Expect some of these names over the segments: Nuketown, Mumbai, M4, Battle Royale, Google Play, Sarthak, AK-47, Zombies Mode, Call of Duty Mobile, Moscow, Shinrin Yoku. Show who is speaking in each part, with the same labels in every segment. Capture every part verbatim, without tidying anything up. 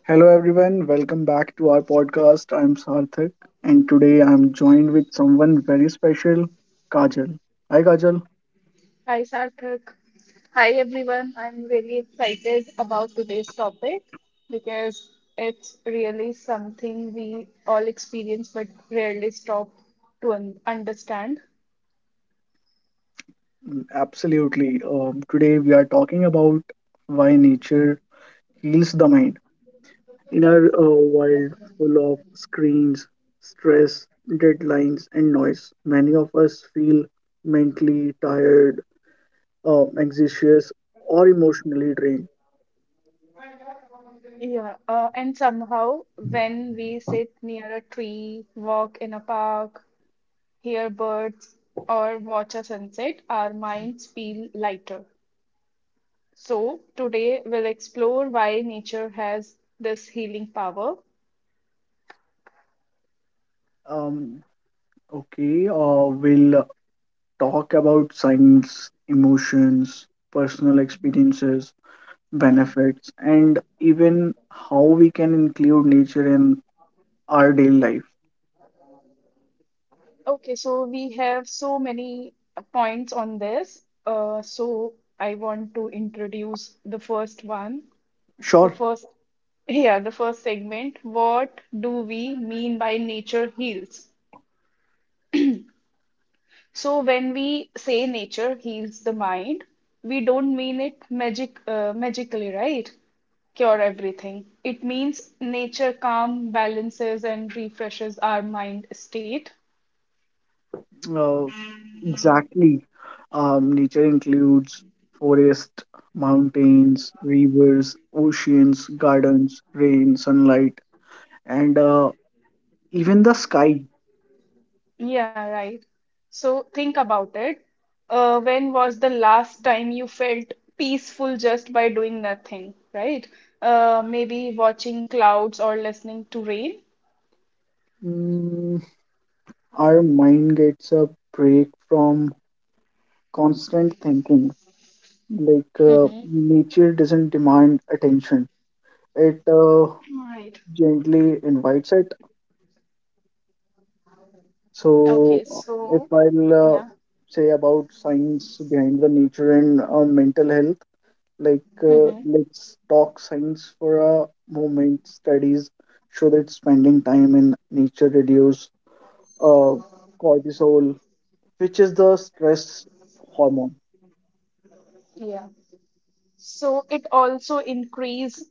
Speaker 1: Hello everyone, welcome back to our podcast. I'm Sarthak and today I'm joined with someone very special, Kajal. Hi Kajal.
Speaker 2: Hi, Sarthak. Hi, everyone. I'm really excited about today's topic because it's really something we all experience but rarely stop to un understand.
Speaker 1: Mm, absolutely. Um, today we are talking about why nature heals the mind. In our uh, world full of screens, stress, deadlines and noise, many of us feel mentally tired, uh, anxious or emotionally drained.
Speaker 2: Yeah, uh, and somehow when we sit near a tree, walk in a park, hear birds, or watch a sunset, our minds feel lighter. So today we'll explore why nature has this healing power.
Speaker 1: Um, okay, uh, we'll talk about science, emotions, personal experiences,
Speaker 2: Okay.
Speaker 1: benefits, and even how we can include nature in our daily life.
Speaker 2: Okay, so we have so many uh, points on this. Uh, so I want to introduce the first one. The
Speaker 1: Sure,
Speaker 2: first, yeah, the first segment. What do we mean by nature heals? So when we say nature heals the mind, we don't mean it magic, uh, magically, right? Cure everything. It means nature calm balances and refreshes our mind state.
Speaker 1: uh, exactly. Um, nature includes forest, mountains, rivers, oceans, gardens, rain, sunlight, and uh, even the sky.
Speaker 2: Yeah, right. So think about it. Uh, when was the last time you felt peaceful just by doing nothing, right? Uh, maybe watching clouds or listening to rain.
Speaker 1: Mm, our mind gets a break from constant thinking. Like uh,
Speaker 2: Mm-hmm.
Speaker 1: nature doesn't demand attention; it uh,
Speaker 2: Right.
Speaker 1: gently invites it.
Speaker 2: Okay,
Speaker 1: So, uh, if
Speaker 2: so
Speaker 1: I'll uh,
Speaker 2: yeah.
Speaker 1: say about science behind the nature and uh, mental health, like uh,
Speaker 2: Mm-hmm.
Speaker 1: let's talk science for a moment. Studies show that spending time in nature reduce uh, cortisol, which is the stress hormone.
Speaker 2: Yeah. So it also increase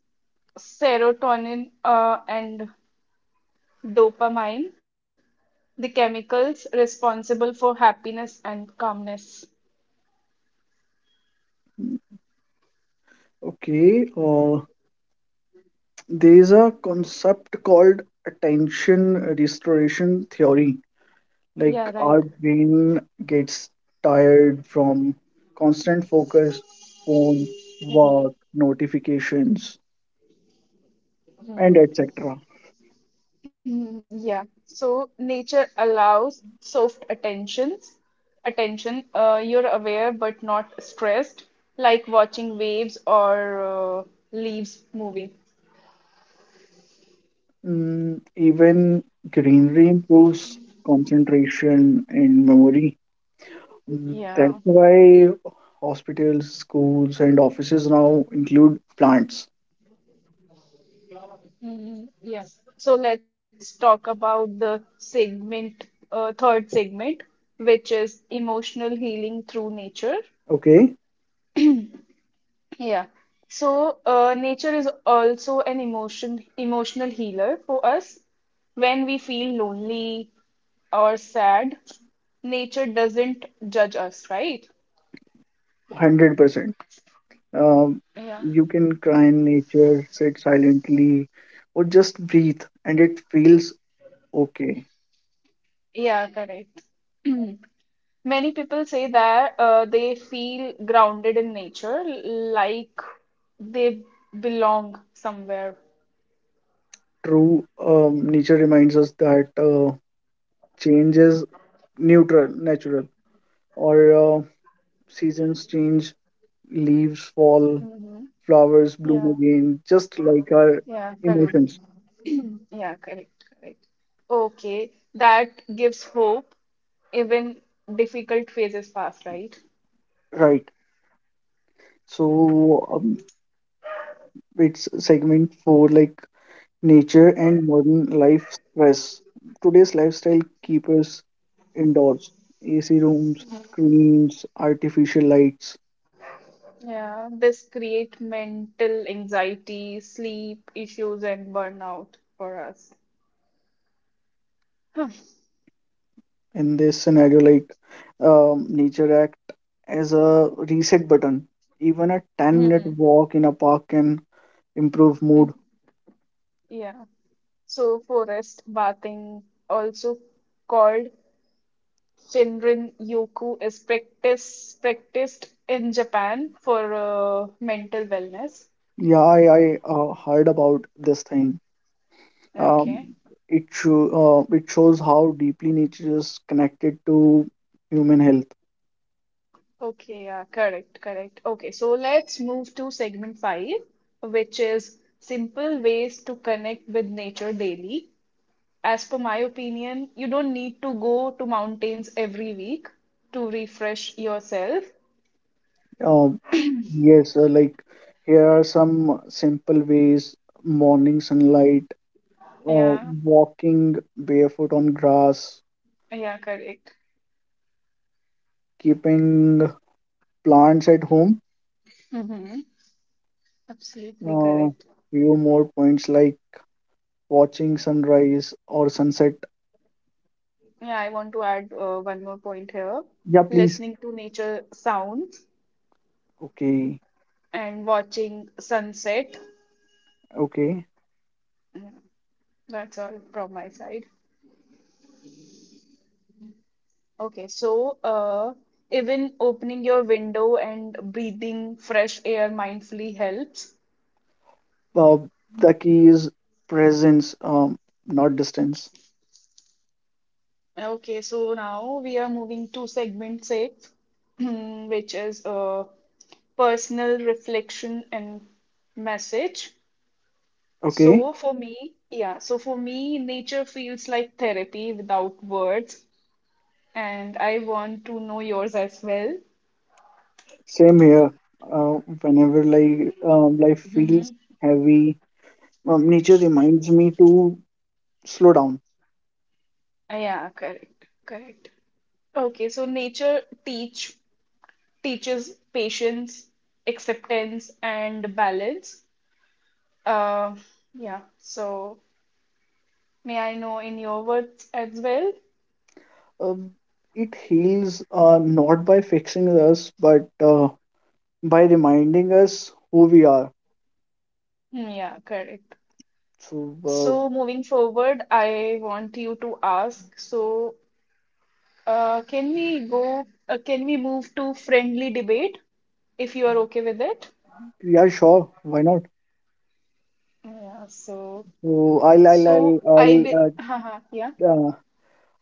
Speaker 2: serotonin uh, and dopamine, the chemicals responsible for happiness and calmness.
Speaker 1: Mm, okay, uh, there is a concept called attention restoration theory. Like
Speaker 2: Yeah,
Speaker 1: our
Speaker 2: right.
Speaker 1: brain gets tired from constant focus, phone, work,
Speaker 2: Mm-hmm.
Speaker 1: notifications, and et cetera.
Speaker 2: Mm, yeah, so nature allows soft attentions, attention. Uh, you're aware but not stressed, like watching waves or uh, leaves moving.
Speaker 1: Mm, even greenery improves concentration and memory. Mm, That's
Speaker 2: Yeah.
Speaker 1: why hospitals, schools, and offices now include plants.
Speaker 2: Mm, yeah. So let's talk about the segment, uh, third segment, which is emotional healing through nature.
Speaker 1: Okay,
Speaker 2: Yeah. So, uh, nature is also an emotion emotional healer for us. When we feel lonely or sad, nature doesn't judge us, right?
Speaker 1: one hundred percent. Um,
Speaker 2: Yeah.
Speaker 1: you can cry in nature, sit silently, or just breathe, and it feels okay.
Speaker 2: Yeah, correct. Many people say that uh, they feel grounded in nature, like they belong somewhere.
Speaker 1: True, um, nature reminds us that uh, change is neutral, natural, or uh, seasons change, leaves fall,
Speaker 2: Hmm.
Speaker 1: flowers bloom
Speaker 2: Yeah,
Speaker 1: again, just like our
Speaker 2: yeah, correct.
Speaker 1: emotions,
Speaker 2: Yeah, correct, correct. Okay, that gives hope even difficult phases pass, right?
Speaker 1: right? So, um, it's segment four, like nature and modern life stress. Today's lifestyle keeps us indoors. A C rooms, screens, artificial lights.
Speaker 2: Yeah, this create mental anxiety, sleep issues, and burnout for us. Huh.
Speaker 1: In this scenario, like um, nature act as a reset button. Even a 10 minute
Speaker 2: Mhm.
Speaker 1: walk in a park can improve mood.
Speaker 2: Mhm. Yeah. So forest bathing, also called Shinrin Yoku, is practice practiced in Japan for uh, mental wellness.
Speaker 1: Yeah, I, I uh, heard about this thing.
Speaker 2: Okay.
Speaker 1: Um, it, sho- uh, it shows how deeply nature is connected to human health.
Speaker 2: Okay, yeah, correct, correct. Okay, so let's move to segment five, which is simple ways to connect with nature daily. As per my opinion, you don't need to go to mountains every week to refresh yourself.
Speaker 1: Um, yes, uh, like here are some simple ways: morning sunlight, uh,
Speaker 2: Yeah,
Speaker 1: walking barefoot on grass,
Speaker 2: yeah, correct.
Speaker 1: keeping plants at home.
Speaker 2: Mm-hmm. Absolutely
Speaker 1: Uh,
Speaker 2: correct.
Speaker 1: Few more points like watching sunrise or sunset.
Speaker 2: Yeah, I want to add uh, one more point here.
Speaker 1: Yeah, please.
Speaker 2: Listening to nature sounds
Speaker 1: Okay,
Speaker 2: and watching sunset.
Speaker 1: okay.
Speaker 2: Yeah, that's all from my side. Okay, so uh, even opening your window and breathing fresh air mindfully helps.
Speaker 1: Uh, the key is presence, um, not distance.
Speaker 2: Okay, so now we are moving to segment six, which is uh, personal reflection and message.
Speaker 1: Okay,
Speaker 2: So for me, yeah, so for me, nature feels like therapy without words, and I want to know yours as well.
Speaker 1: same here. Uh, whenever like um, life feels
Speaker 2: Hmm.
Speaker 1: heavy, um, nature reminds me to slow down.
Speaker 2: Yeah, correct, correct. Okay, so nature teach teaches patience, acceptance, and balance. Uh, yeah, so may I know in your words as well?
Speaker 1: Um, it heals uh, not by fixing us, but uh, by reminding us who we are.
Speaker 2: Mm, yeah, correct.
Speaker 1: So, uh,
Speaker 2: So moving forward, I want you to ask. So, uh, can we go, uh, can we move to friendly debate if you are okay with it?
Speaker 1: yeah, sure, why not?
Speaker 2: Yeah, so
Speaker 1: So, I'll, I'll, I'll,
Speaker 2: so I
Speaker 1: I'll,
Speaker 2: will
Speaker 1: uh,
Speaker 2: haha, yeah.
Speaker 1: uh,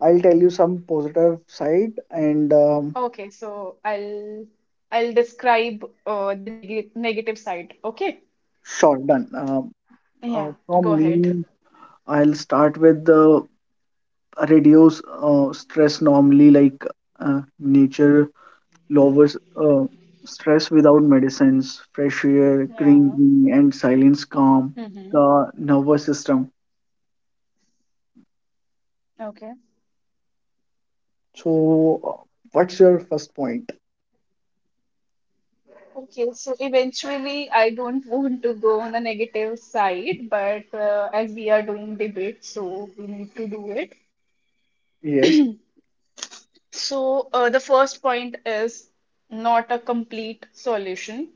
Speaker 1: I'll tell you some positive side and um,
Speaker 2: Okay, so I'll I'll describe uh, the neg negative side, okay?
Speaker 1: sure, done. Um uh,
Speaker 2: Yeah. Go
Speaker 1: from
Speaker 2: ahead.
Speaker 1: me, I'll start with the reduce uh, stress normally, like uh, nature lowers uh, stress without medicines, fresh air, green,
Speaker 2: Yeah.
Speaker 1: green, and silence calm
Speaker 2: Mm-hmm.
Speaker 1: the nervous system.
Speaker 2: Okay.
Speaker 1: So, uh, what's your first point?
Speaker 2: Okay, so eventually, I don't want to go on the negative side, but uh, as we are doing debate, so we need to do it.
Speaker 1: Yes.
Speaker 2: So, uh, the first point is not a complete solution,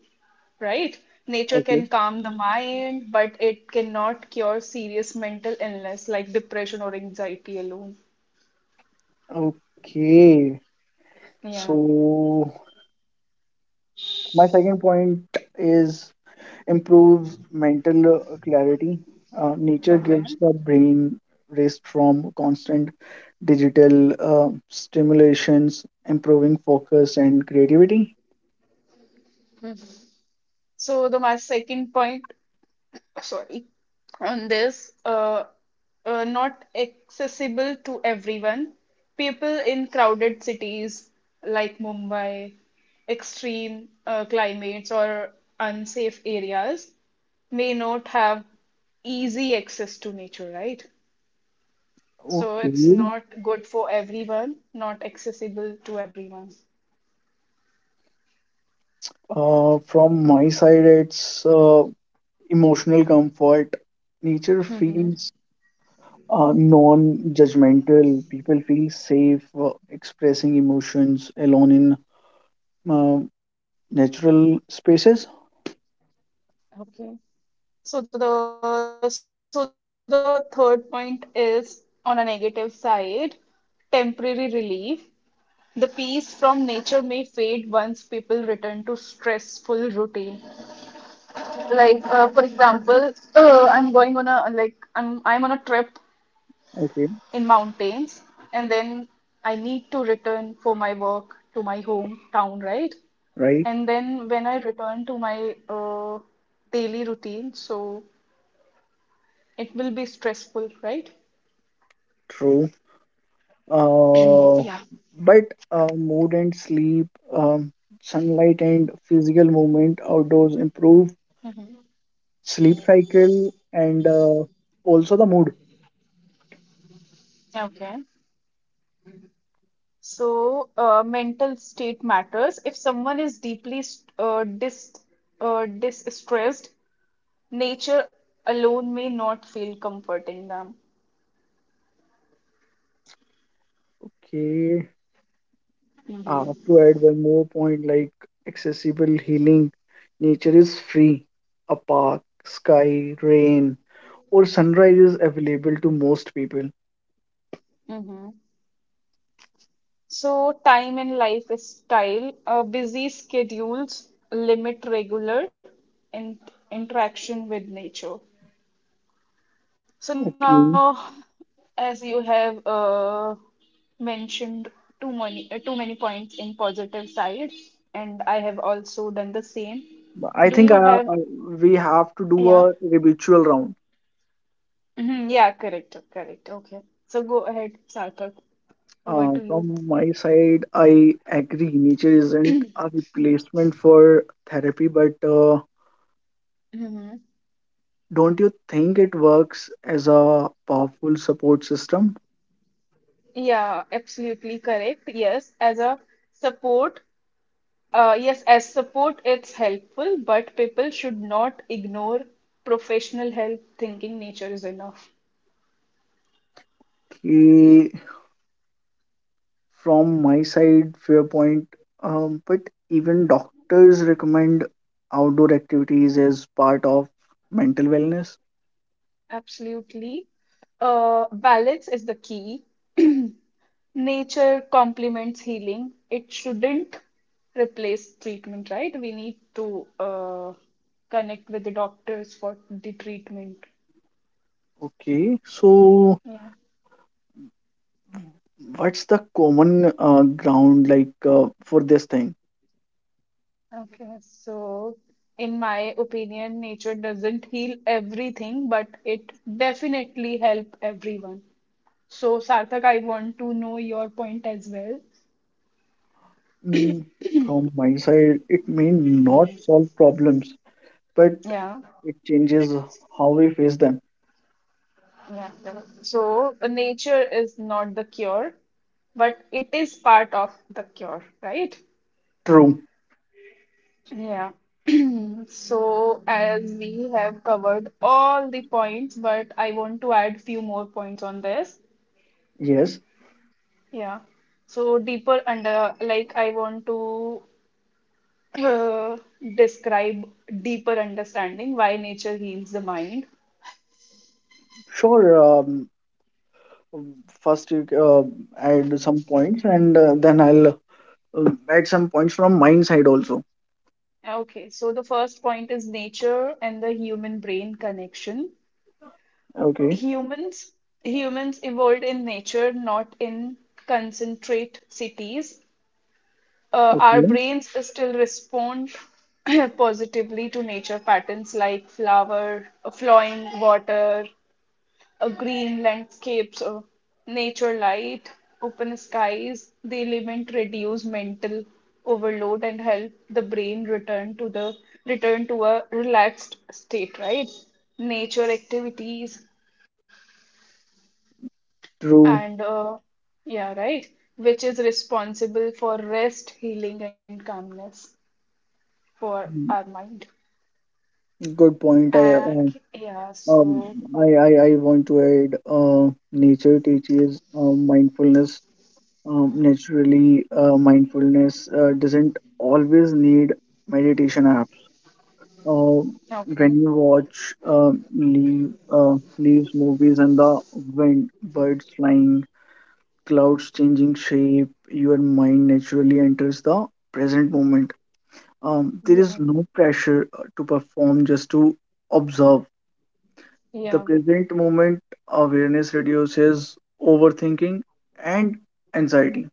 Speaker 2: right? Nature
Speaker 1: Okay.
Speaker 2: can calm the mind, but it cannot cure serious mental illness like depression or anxiety alone.
Speaker 1: Okay.
Speaker 2: Yeah.
Speaker 1: So, my second point is improves mental uh, clarity. Uh, nature
Speaker 2: Okay.
Speaker 1: gives the brain rest from constant digital uh, stimulations, improving focus and creativity.
Speaker 2: Mhm. So, the my second point, sorry, on this, uh, uh, not accessible to everyone. People in crowded cities like Mumbai, extreme uh, climates, or unsafe areas may not have easy access to nature, right? So
Speaker 1: Okay.
Speaker 2: it's not good for everyone, not accessible to everyone.
Speaker 1: Uh, from my side, it's uh, emotional comfort. Nature feels
Speaker 2: Mhm.
Speaker 1: uh, non-judgmental. People feel safe uh, expressing emotions alone in uh, natural spaces.
Speaker 2: Okay. So the so the third point is on a negative side, temporary relief. The peace from nature may fade once people return to stressful routine. Like, uh, for example, uh, I'm going on a like I'm I'm on a trip
Speaker 1: Okay,
Speaker 2: in mountains, and then I need to return for my work to my hometown,
Speaker 1: right,
Speaker 2: right? And then when I return to my uh, daily routine, so it will be stressful, right?
Speaker 1: true. Uh,
Speaker 2: Yeah.
Speaker 1: but uh, mood and sleep, um, sunlight and physical movement outdoors improve
Speaker 2: Hmm.
Speaker 1: sleep cycle and uh, also the mood.
Speaker 2: Okay. So, uh, mental state matters. If someone is deeply st- uh, dis uh, distressed, nature alone may not feel comforting them.
Speaker 1: Okay. Uh, to
Speaker 2: Mm-hmm.
Speaker 1: add one more point, like accessible healing, nature is free. A park, sky, rain, or sunrise is available to most people.
Speaker 2: Hmm. So, time and lifestyle, uh, busy schedules limit regular in interaction with nature. So
Speaker 1: Okay,
Speaker 2: now, as you have uh, mentioned too many uh, too many points in positive side, and I have also done the same.
Speaker 1: I
Speaker 2: Do
Speaker 1: think
Speaker 2: you
Speaker 1: uh, uh,
Speaker 2: have,
Speaker 1: we have to do a
Speaker 2: yeah?
Speaker 1: ritual round.
Speaker 2: Mhm, yeah, correct, correct. Okay. So go ahead, Sarthak. Over
Speaker 1: Uh,
Speaker 2: to you.
Speaker 1: from my side, I agree. Nature isn't a replacement for therapy, but uh,
Speaker 2: Hmm.
Speaker 1: don't you think it works as a powerful support system?
Speaker 2: Yeah, absolutely correct. Yes, as a support, uh, yes, as support, it's helpful, but people should not ignore professional help thinking nature is enough.
Speaker 1: कि from my side viewpoint, um, but even doctors recommend outdoor activities as part of mental wellness.
Speaker 2: Absolutely. Uh, balance is the key. Nature complements healing. It shouldn't replace treatment, right? We need to uh, connect with the doctors for the treatment.
Speaker 1: Okay, so
Speaker 2: Yeah.
Speaker 1: what's the common uh, ground like uh, for this thing?
Speaker 2: Okay. So, in my opinion, nature doesn't heal everything, but it definitely help everyone. So, Sarthak, I want to know your point as well.
Speaker 1: mm, from my side, it may not
Speaker 2: Mhm.
Speaker 1: solve problems but
Speaker 2: Yeah.
Speaker 1: it changes how we face them.
Speaker 2: Yeah. So nature is not the cure, but it is part of the cure, right?
Speaker 1: True.
Speaker 2: Yeah. So as we have covered all the points, but I want to add few more points on this.
Speaker 1: Yes,
Speaker 2: Yeah. So deeper under like I want to uh, describe deeper understanding why nature heals the mind.
Speaker 1: sure. Um, first you uh, add some points and uh, then I'll uh, at some points from mine side also.
Speaker 2: Okay, so the first point is nature and the human brain connection.
Speaker 1: Okay.
Speaker 2: Humans humans evolved in nature, not in concentrate cities. Uh, our
Speaker 1: Okay.
Speaker 2: brains still respond positively to nature patterns like flower, uh, flowing water, uh, green landscapes, uh, nature light, open skies. The element reduce mental overload and help the brain return to the return to a relaxed state, right? Nature activities.
Speaker 1: True.
Speaker 2: And uh, yeah, right, which is responsible for rest, healing, and calmness for our
Speaker 1: Mm,
Speaker 2: mind.
Speaker 1: Good point. I
Speaker 2: And
Speaker 1: uh,
Speaker 2: yeah,
Speaker 1: um
Speaker 2: so
Speaker 1: I, I I want to add uh nature teaches uh, mindfulness. Um, naturally, uh, mindfulness uh, doesn't always need meditation apps. Uh,
Speaker 2: okay,
Speaker 1: when you watch uh, leave uh, leaves movies and the wind, birds flying, clouds changing shape, your mind naturally enters the present moment. Um, there
Speaker 2: yeah,
Speaker 1: is no pressure uh, to perform, just to observe.
Speaker 2: yeah,
Speaker 1: The present moment awareness reduces overthinking and anxiety.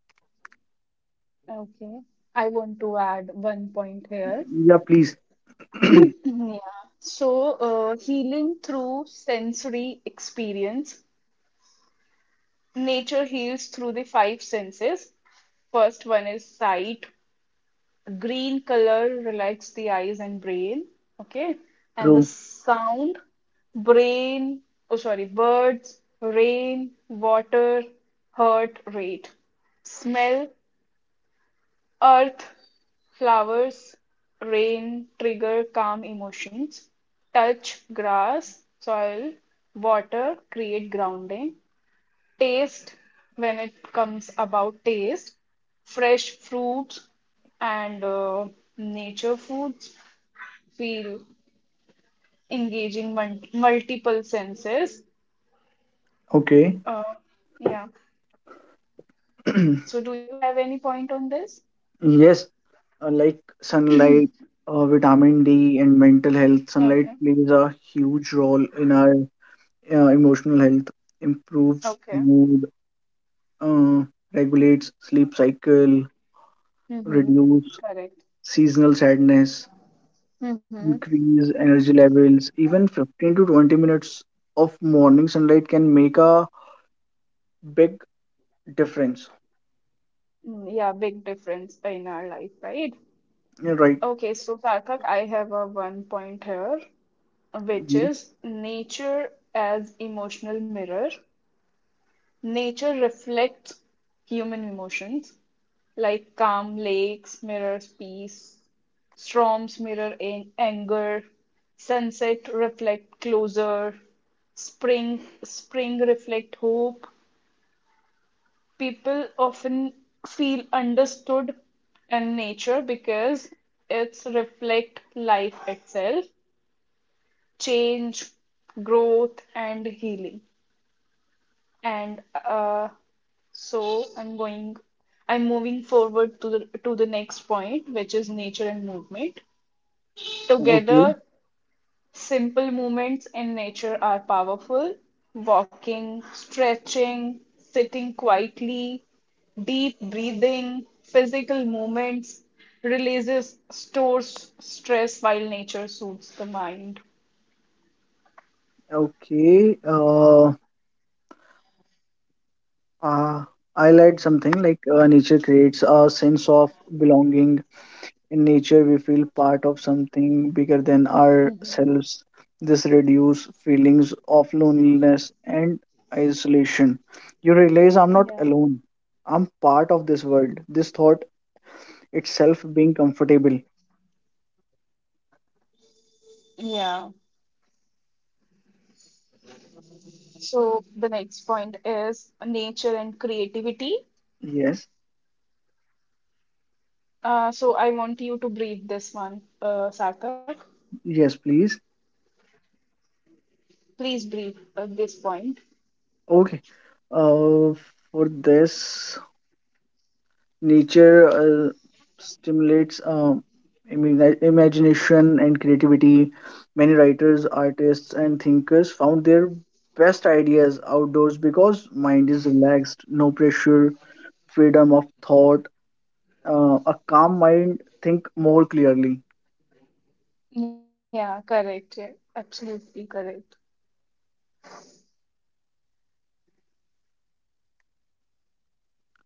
Speaker 2: okay. I want to add one point here.
Speaker 1: Yeah, please.
Speaker 2: Yeah. So, uh, healing through sensory experience. Nature heals through the five senses. First one is sight: green color relax the eyes and brain. Okay. And the
Speaker 1: True.
Speaker 2: sound, brain, oh, sorry, birds, rain, water, heart rate. Smell, earth, flowers, rain, trigger calm emotions. Touch, grass, soil, water, create grounding. Taste, when it comes about taste, fresh fruits and uh, nature foods feel engaging mul- multiple senses.
Speaker 1: Okay.
Speaker 2: uh, yeah, so do you have any point on this?
Speaker 1: Yes, uh, like sunlight, uh, vitamin D, and mental health, sunlight
Speaker 2: Okay.
Speaker 1: plays a huge role in our uh, emotional health, improves
Speaker 2: Okay.
Speaker 1: mood, uh, regulates sleep cycle,
Speaker 2: Mm-hmm.
Speaker 1: reduce
Speaker 2: Correct.
Speaker 1: seasonal sadness,
Speaker 2: Mm-hmm.
Speaker 1: increase energy levels. Even fifteen to twenty minutes of morning sunlight can make a big difference.
Speaker 2: Mm, yeah, big difference in our life, right?
Speaker 1: Yeah, right.
Speaker 2: Okay, so Sarthak, I have a one point here, which
Speaker 1: Yeah.
Speaker 2: is nature as emotional mirror. Nature reflects human emotions, like calm lakes mirrors peace, storms mirror an- anger, sunset reflect closure, spring spring reflect hope. People often feel understood in nature because it's reflect life itself, change, growth, and healing. And uh, so I'm going, I'm moving forward to the to the next point, which is nature and movement.
Speaker 1: Okay.
Speaker 2: Together, simple movements in nature are powerful. Walking, stretching, sitting quietly, deep breathing, physical movements releases stores stress while nature soothes the mind.
Speaker 1: Okay. Uh, uh, I'll add something like uh, nature creates a sense of belonging. In nature, we feel part of something bigger than ourselves.
Speaker 2: Mhm.
Speaker 1: This reduces feelings of loneliness and isolation. You realize I'm not alone.
Speaker 2: Yeah.
Speaker 1: I'm part of this world. This thought itself being comfortable.
Speaker 2: Yeah. So the next point is nature and creativity.
Speaker 1: Yes,
Speaker 2: Uh, so I want you to breathe this one, uh, Sarthak.
Speaker 1: yes, please.
Speaker 2: Please breathe uh, this point.
Speaker 1: Okay. Uh, for this, nature uh, stimulates um, imagina- imagination and creativity. Many writers, artists, and thinkers found their best ideas outdoors because mind is relaxed, no pressure, freedom of thought. Uh, a calm mind think more clearly.
Speaker 2: Yeah, correct. Yeah, absolutely correct.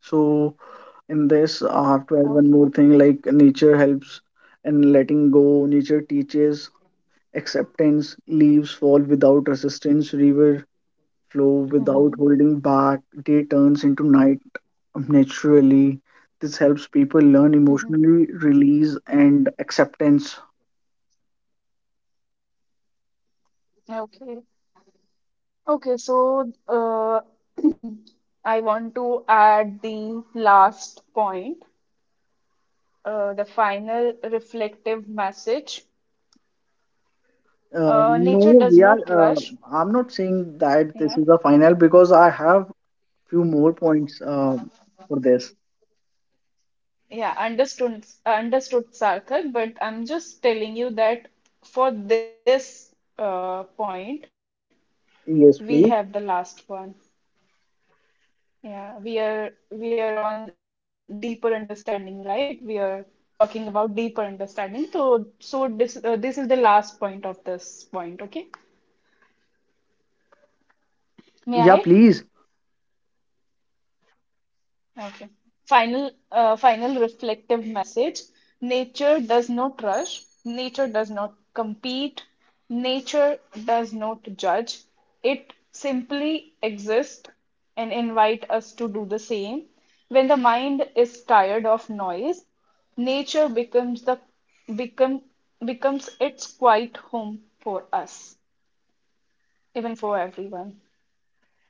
Speaker 1: So in this I have to add
Speaker 2: Okay.
Speaker 1: one more thing, like nature helps in letting go. Nature teaches acceptance. Leaves fall without resistance, river flow without
Speaker 2: Mm-hmm.
Speaker 1: holding back, day turns into night naturally. This helps people learn
Speaker 2: Mm-hmm.
Speaker 1: emotionally release and acceptance.
Speaker 2: Okay. Okay. So uh, I want to add the last point, uh, the final reflective message.
Speaker 1: Uh,
Speaker 2: Uh,
Speaker 1: no,
Speaker 2: nature
Speaker 1: we
Speaker 2: does
Speaker 1: are
Speaker 2: not
Speaker 1: uh,
Speaker 2: rush.
Speaker 1: I'm not saying that this
Speaker 2: Yeah.
Speaker 1: is the final because I have few more points uh, for this.
Speaker 2: Yeah, understood, understood, Sarthak, but I'm just telling you that for this uh, point, we have the
Speaker 1: Yes,
Speaker 2: last
Speaker 1: please.
Speaker 2: one. Yeah, we are we are on deeper understanding, right? We are talking about deeper understanding. So so this uh, this is the last point of this point, okay? May I?
Speaker 1: Yeah, please.
Speaker 2: Okay. Final, uh, final reflective message. Nature does not rush. Nature does not compete. Nature does not judge. It simply exists and invite us to do the same. When the mind is tired of noise, nature becomes the become becomes its quiet home for us, even for everyone.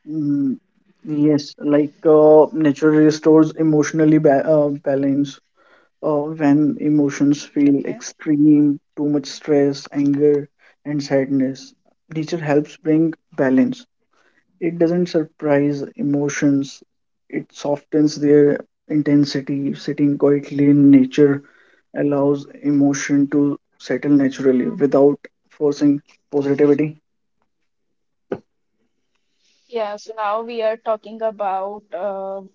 Speaker 1: Mm, yes, like uh, nature restores emotionally ba- uh, balance uh, when emotions feel
Speaker 2: Okay.
Speaker 1: extreme, too much stress, anger, and sadness. Nature helps bring balance. It doesn't surprise emotions, it softens their intensity. Sitting quietly in nature allows emotion to settle naturally without forcing positivity,
Speaker 2: Yeah, so now we are talking about uh,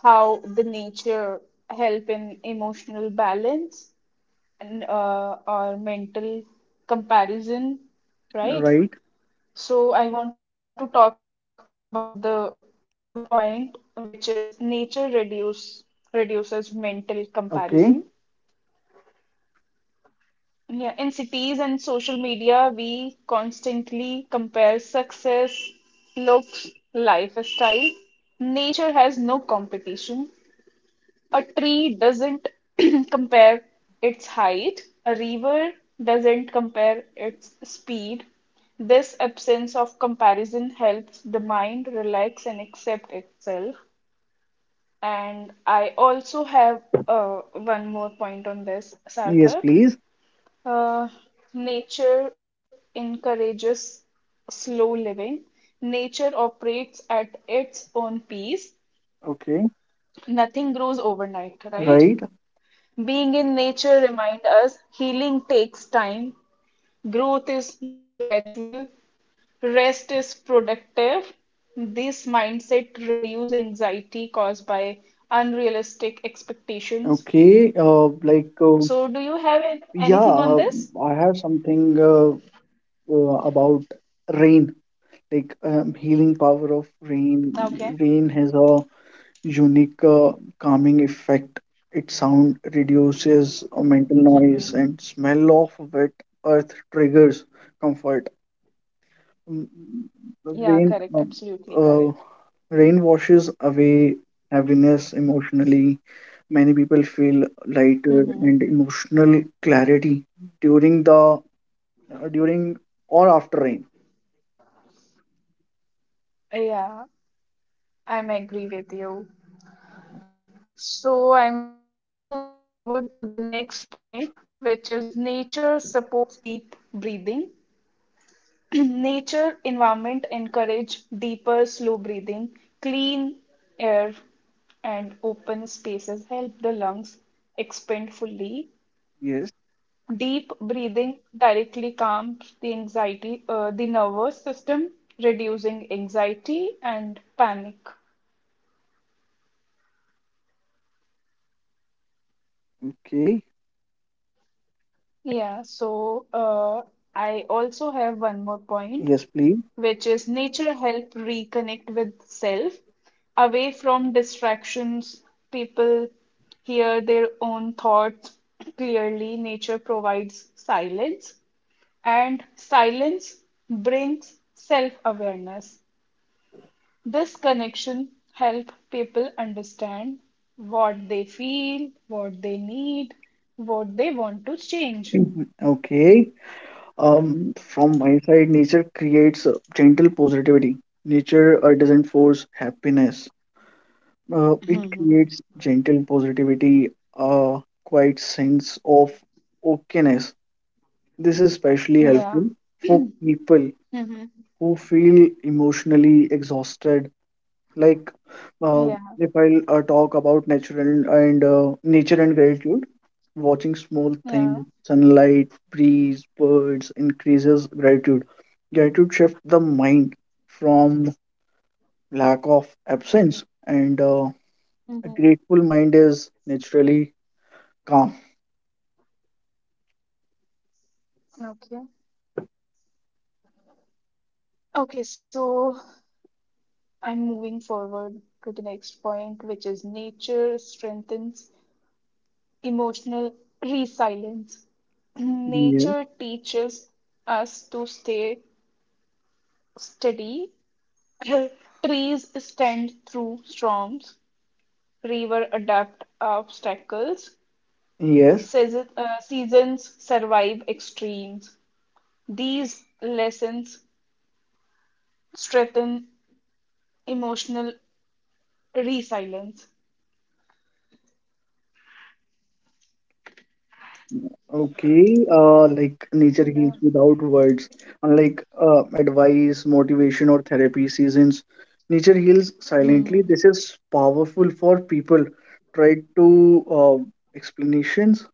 Speaker 2: how the nature help in emotional balance and uh, our mental comparison, right?
Speaker 1: right?
Speaker 2: So I want to talk about the point which is nature reduce reduces mental comparison.
Speaker 1: Okay,
Speaker 2: Yeah, in cities and social media, we constantly compare success, looks, lifestyle. Nature has no competition. A tree doesn't compare its height, a river doesn't compare its speed. This absence of comparison helps the mind relax and accept itself. And I also have uh, one more point on this,
Speaker 1: yes,
Speaker 2: Sarthak.
Speaker 1: please.
Speaker 2: Uh, nature encourages slow living. Nature operates at its own pace.
Speaker 1: Okay,
Speaker 2: Nothing grows overnight, right?
Speaker 1: right.
Speaker 2: Being in nature reminds us healing takes time, growth is gradual, rest is productive. This mindset reduces anxiety caused by unrealistic expectations.
Speaker 1: Okay, uh, like
Speaker 2: So,
Speaker 1: uh,
Speaker 2: do you have an- anything
Speaker 1: yeah,
Speaker 2: on
Speaker 1: uh,
Speaker 2: this?
Speaker 1: I have something uh, uh, about rain, like um, healing power of rain.
Speaker 2: Okay.
Speaker 1: Rain has a unique uh, calming effect. Its sound reduces uh, mental noise, and smell of wet earth triggers comfort. Mm, mm, mm, rain
Speaker 2: Yeah,
Speaker 1: um,
Speaker 2: correct. Absolutely
Speaker 1: uh,
Speaker 2: correct.
Speaker 1: rain washes away heaviness emotionally. Many people feel lighter and
Speaker 2: Mm-hmm.
Speaker 1: emotional clarity during the uh, during or after rain.
Speaker 2: Yeah, I'm agree with you. So I'm moving forward to the next point, which is nature supports deep breathing. Nature environment encourage deeper, slow breathing, clean air, and open spaces help the lungs expand fully.
Speaker 1: Yes.
Speaker 2: Deep breathing directly calms the anxiety, uh, the nervous system, reducing anxiety and panic.
Speaker 1: Okay,
Speaker 2: Yeah, so uh, I also have one more point,
Speaker 1: yes, please.
Speaker 2: which is nature help reconnect with self away from distractions. People hear their own thoughts clearly. Nature provides silence, and silence brings self-awareness. This connection help people understand what they feel, what they need, what they want to change.
Speaker 1: Mhm. Okay. um from my side, nature creates uh, gentle positivity. Nature uh, doesn't force happiness. Uh, it creates gentle positivity, a quiet sense of okayness. This is especially helpful
Speaker 2: Yeah.
Speaker 1: for people
Speaker 2: Mm-hmm.
Speaker 1: who feel emotionally exhausted. Like, uh,
Speaker 2: Yeah.
Speaker 1: if I uh, talk about natural and uh, nature and gratitude, watching small things,
Speaker 2: Yeah.
Speaker 1: sunlight, breeze, birds increases gratitude. Gratitude shifts the mind from lack of absence, and uh, a
Speaker 2: Mm-hmm.
Speaker 1: grateful mind is naturally calm.
Speaker 2: Okay. Okay, so I'm moving forward to the next point, which is nature strengthens emotional resilience.
Speaker 1: Yeah.
Speaker 2: Nature teaches us to stay steady. Trees stand through storms. River adapt obstacles.
Speaker 1: Yes.
Speaker 2: Season, uh, seasons survive extremes. These lessons strengthen emotional resilience.
Speaker 1: Okay. Uh, like nature heals
Speaker 2: Yeah.
Speaker 1: without words. Unlike uh, advice, motivation, or therapy seasons, nature heals
Speaker 2: Mm-hmm.
Speaker 1: silently. This is powerful for people. Try to uh, explanations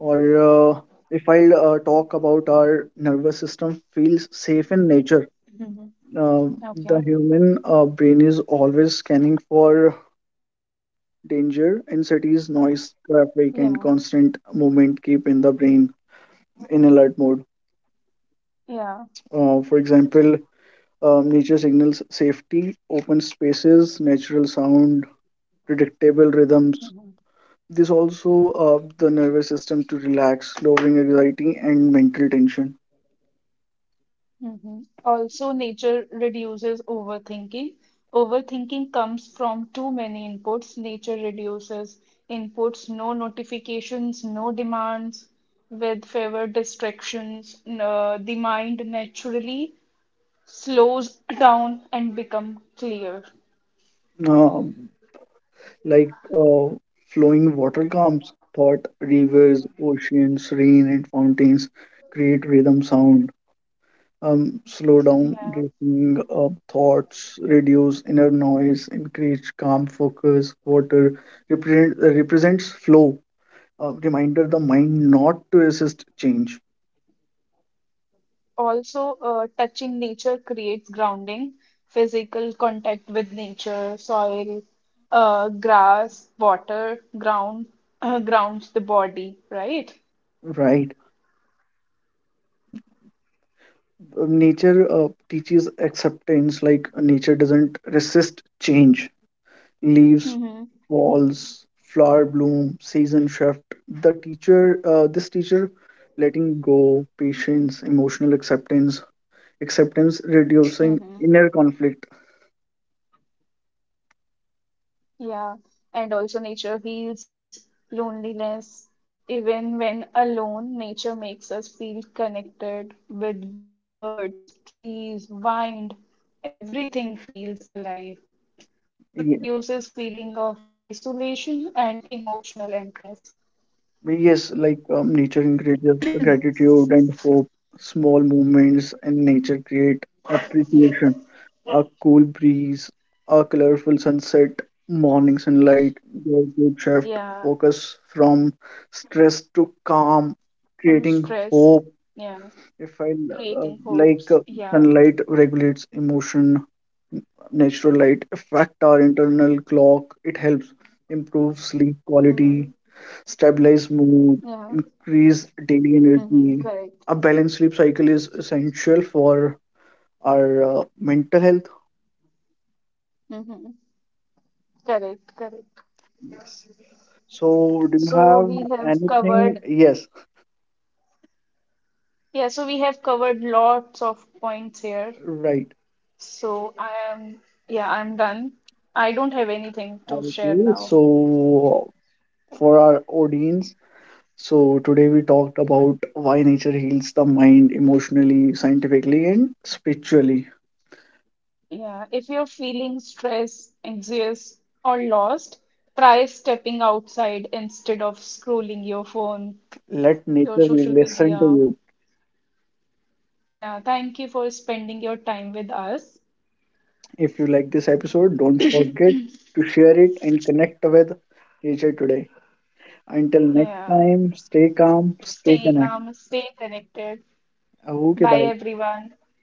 Speaker 1: or uh, if I uh, talk about our nervous system feels safe in nature.
Speaker 2: Mm-hmm.
Speaker 1: Uh, the
Speaker 2: Okay.
Speaker 1: human uh, brain is always scanning for danger in noise,
Speaker 2: Yeah.
Speaker 1: traffic, and constant movement keep in the brain in alert mode.
Speaker 2: Yeah.
Speaker 1: Uh, for example, um, nature signals safety, open spaces, natural sound, predictable rhythms. This also uh, the nervous system to relax, lowering anxiety and mental tension.
Speaker 2: Mm-hmm. Also, nature reduces overthinking. Overthinking comes from too many inputs. Nature reduces inputs, no notifications, no demands, with fewer distractions. N- uh, the mind naturally slows down and become clear.
Speaker 1: Uh, like uh, flowing water calms thought, rivers, oceans, rain, and fountains create rhythm sound, um, slow down
Speaker 2: Yeah.
Speaker 1: waking up thoughts, reduce inner noise, increase calm focus. Water represent, uh, represents flow, uh, reminder the mind not to resist change.
Speaker 2: Also, uh, touching nature creates grounding, physical contact with nature, soil, uh, grass, water, ground, grounds the body, right?
Speaker 1: Right. Uh, Nature uh, teaches acceptance, like uh, nature doesn't resist change. Leaves,
Speaker 2: Mm-hmm.
Speaker 1: walls, flower bloom, season shift. The teacher, uh, this teacher, letting go, patience, emotional acceptance, acceptance reducing
Speaker 2: Mm-hmm.
Speaker 1: inner conflict.
Speaker 2: Yeah. And also, nature heals loneliness. Even when alone, nature makes us feel connected with birds, trees, wind. Everything feels alive. This reduces feeling of
Speaker 1: Ye-
Speaker 2: isolation and emotional emptiness.
Speaker 1: yes, like um, nature encourages gratitude and hope, small movements in nature create appreciation, a cool breeze, a colorful sunset, morning sunlight.
Speaker 2: Yeah,
Speaker 1: Gratitude shift focus from stress to
Speaker 2: from
Speaker 1: calm,
Speaker 2: stress.
Speaker 1: creating
Speaker 2: Yeah,
Speaker 1: hope.
Speaker 2: creating
Speaker 1: If I
Speaker 2: hopes.
Speaker 1: uh,
Speaker 2: Yeah.
Speaker 1: like uh, sunlight regulates emotion, natural light affect our internal clock. It helps improve sleep
Speaker 2: Hmm.
Speaker 1: quality, stabilize mood,
Speaker 2: Yeah.
Speaker 1: increase daily
Speaker 2: Hmm.
Speaker 1: energy.
Speaker 2: Correct.
Speaker 1: A balanced sleep cycle is essential for our uh, mental health.
Speaker 2: Hmm. Correct. Correct.
Speaker 1: Yes. So, do you
Speaker 2: So
Speaker 1: have
Speaker 2: we have
Speaker 1: anything?
Speaker 2: covered.
Speaker 1: Yes,
Speaker 2: Yeah. So we have covered lots of points here.
Speaker 1: right.
Speaker 2: So I am. Yeah, I'm done. I don't have anything to share
Speaker 1: Okay,
Speaker 2: now.
Speaker 1: so for our audience, so today we talked about why nature heals the mind emotionally, scientifically, and spiritually.
Speaker 2: Yeah, if you're feeling stressed, anxious, or lost, try stepping outside instead of scrolling your phone,
Speaker 1: Let
Speaker 2: your
Speaker 1: nature
Speaker 2: social
Speaker 1: listen to
Speaker 2: media.
Speaker 1: you.
Speaker 2: Yeah, thank you for spending your time with us.
Speaker 1: If you like this episode, don't forget to share it and connect with nature today. Until next
Speaker 2: Yeah,
Speaker 1: time, stay calm, stay
Speaker 2: stay
Speaker 1: connected.
Speaker 2: calm, stay connected.
Speaker 1: Okay, bye.
Speaker 2: Bye, everyone.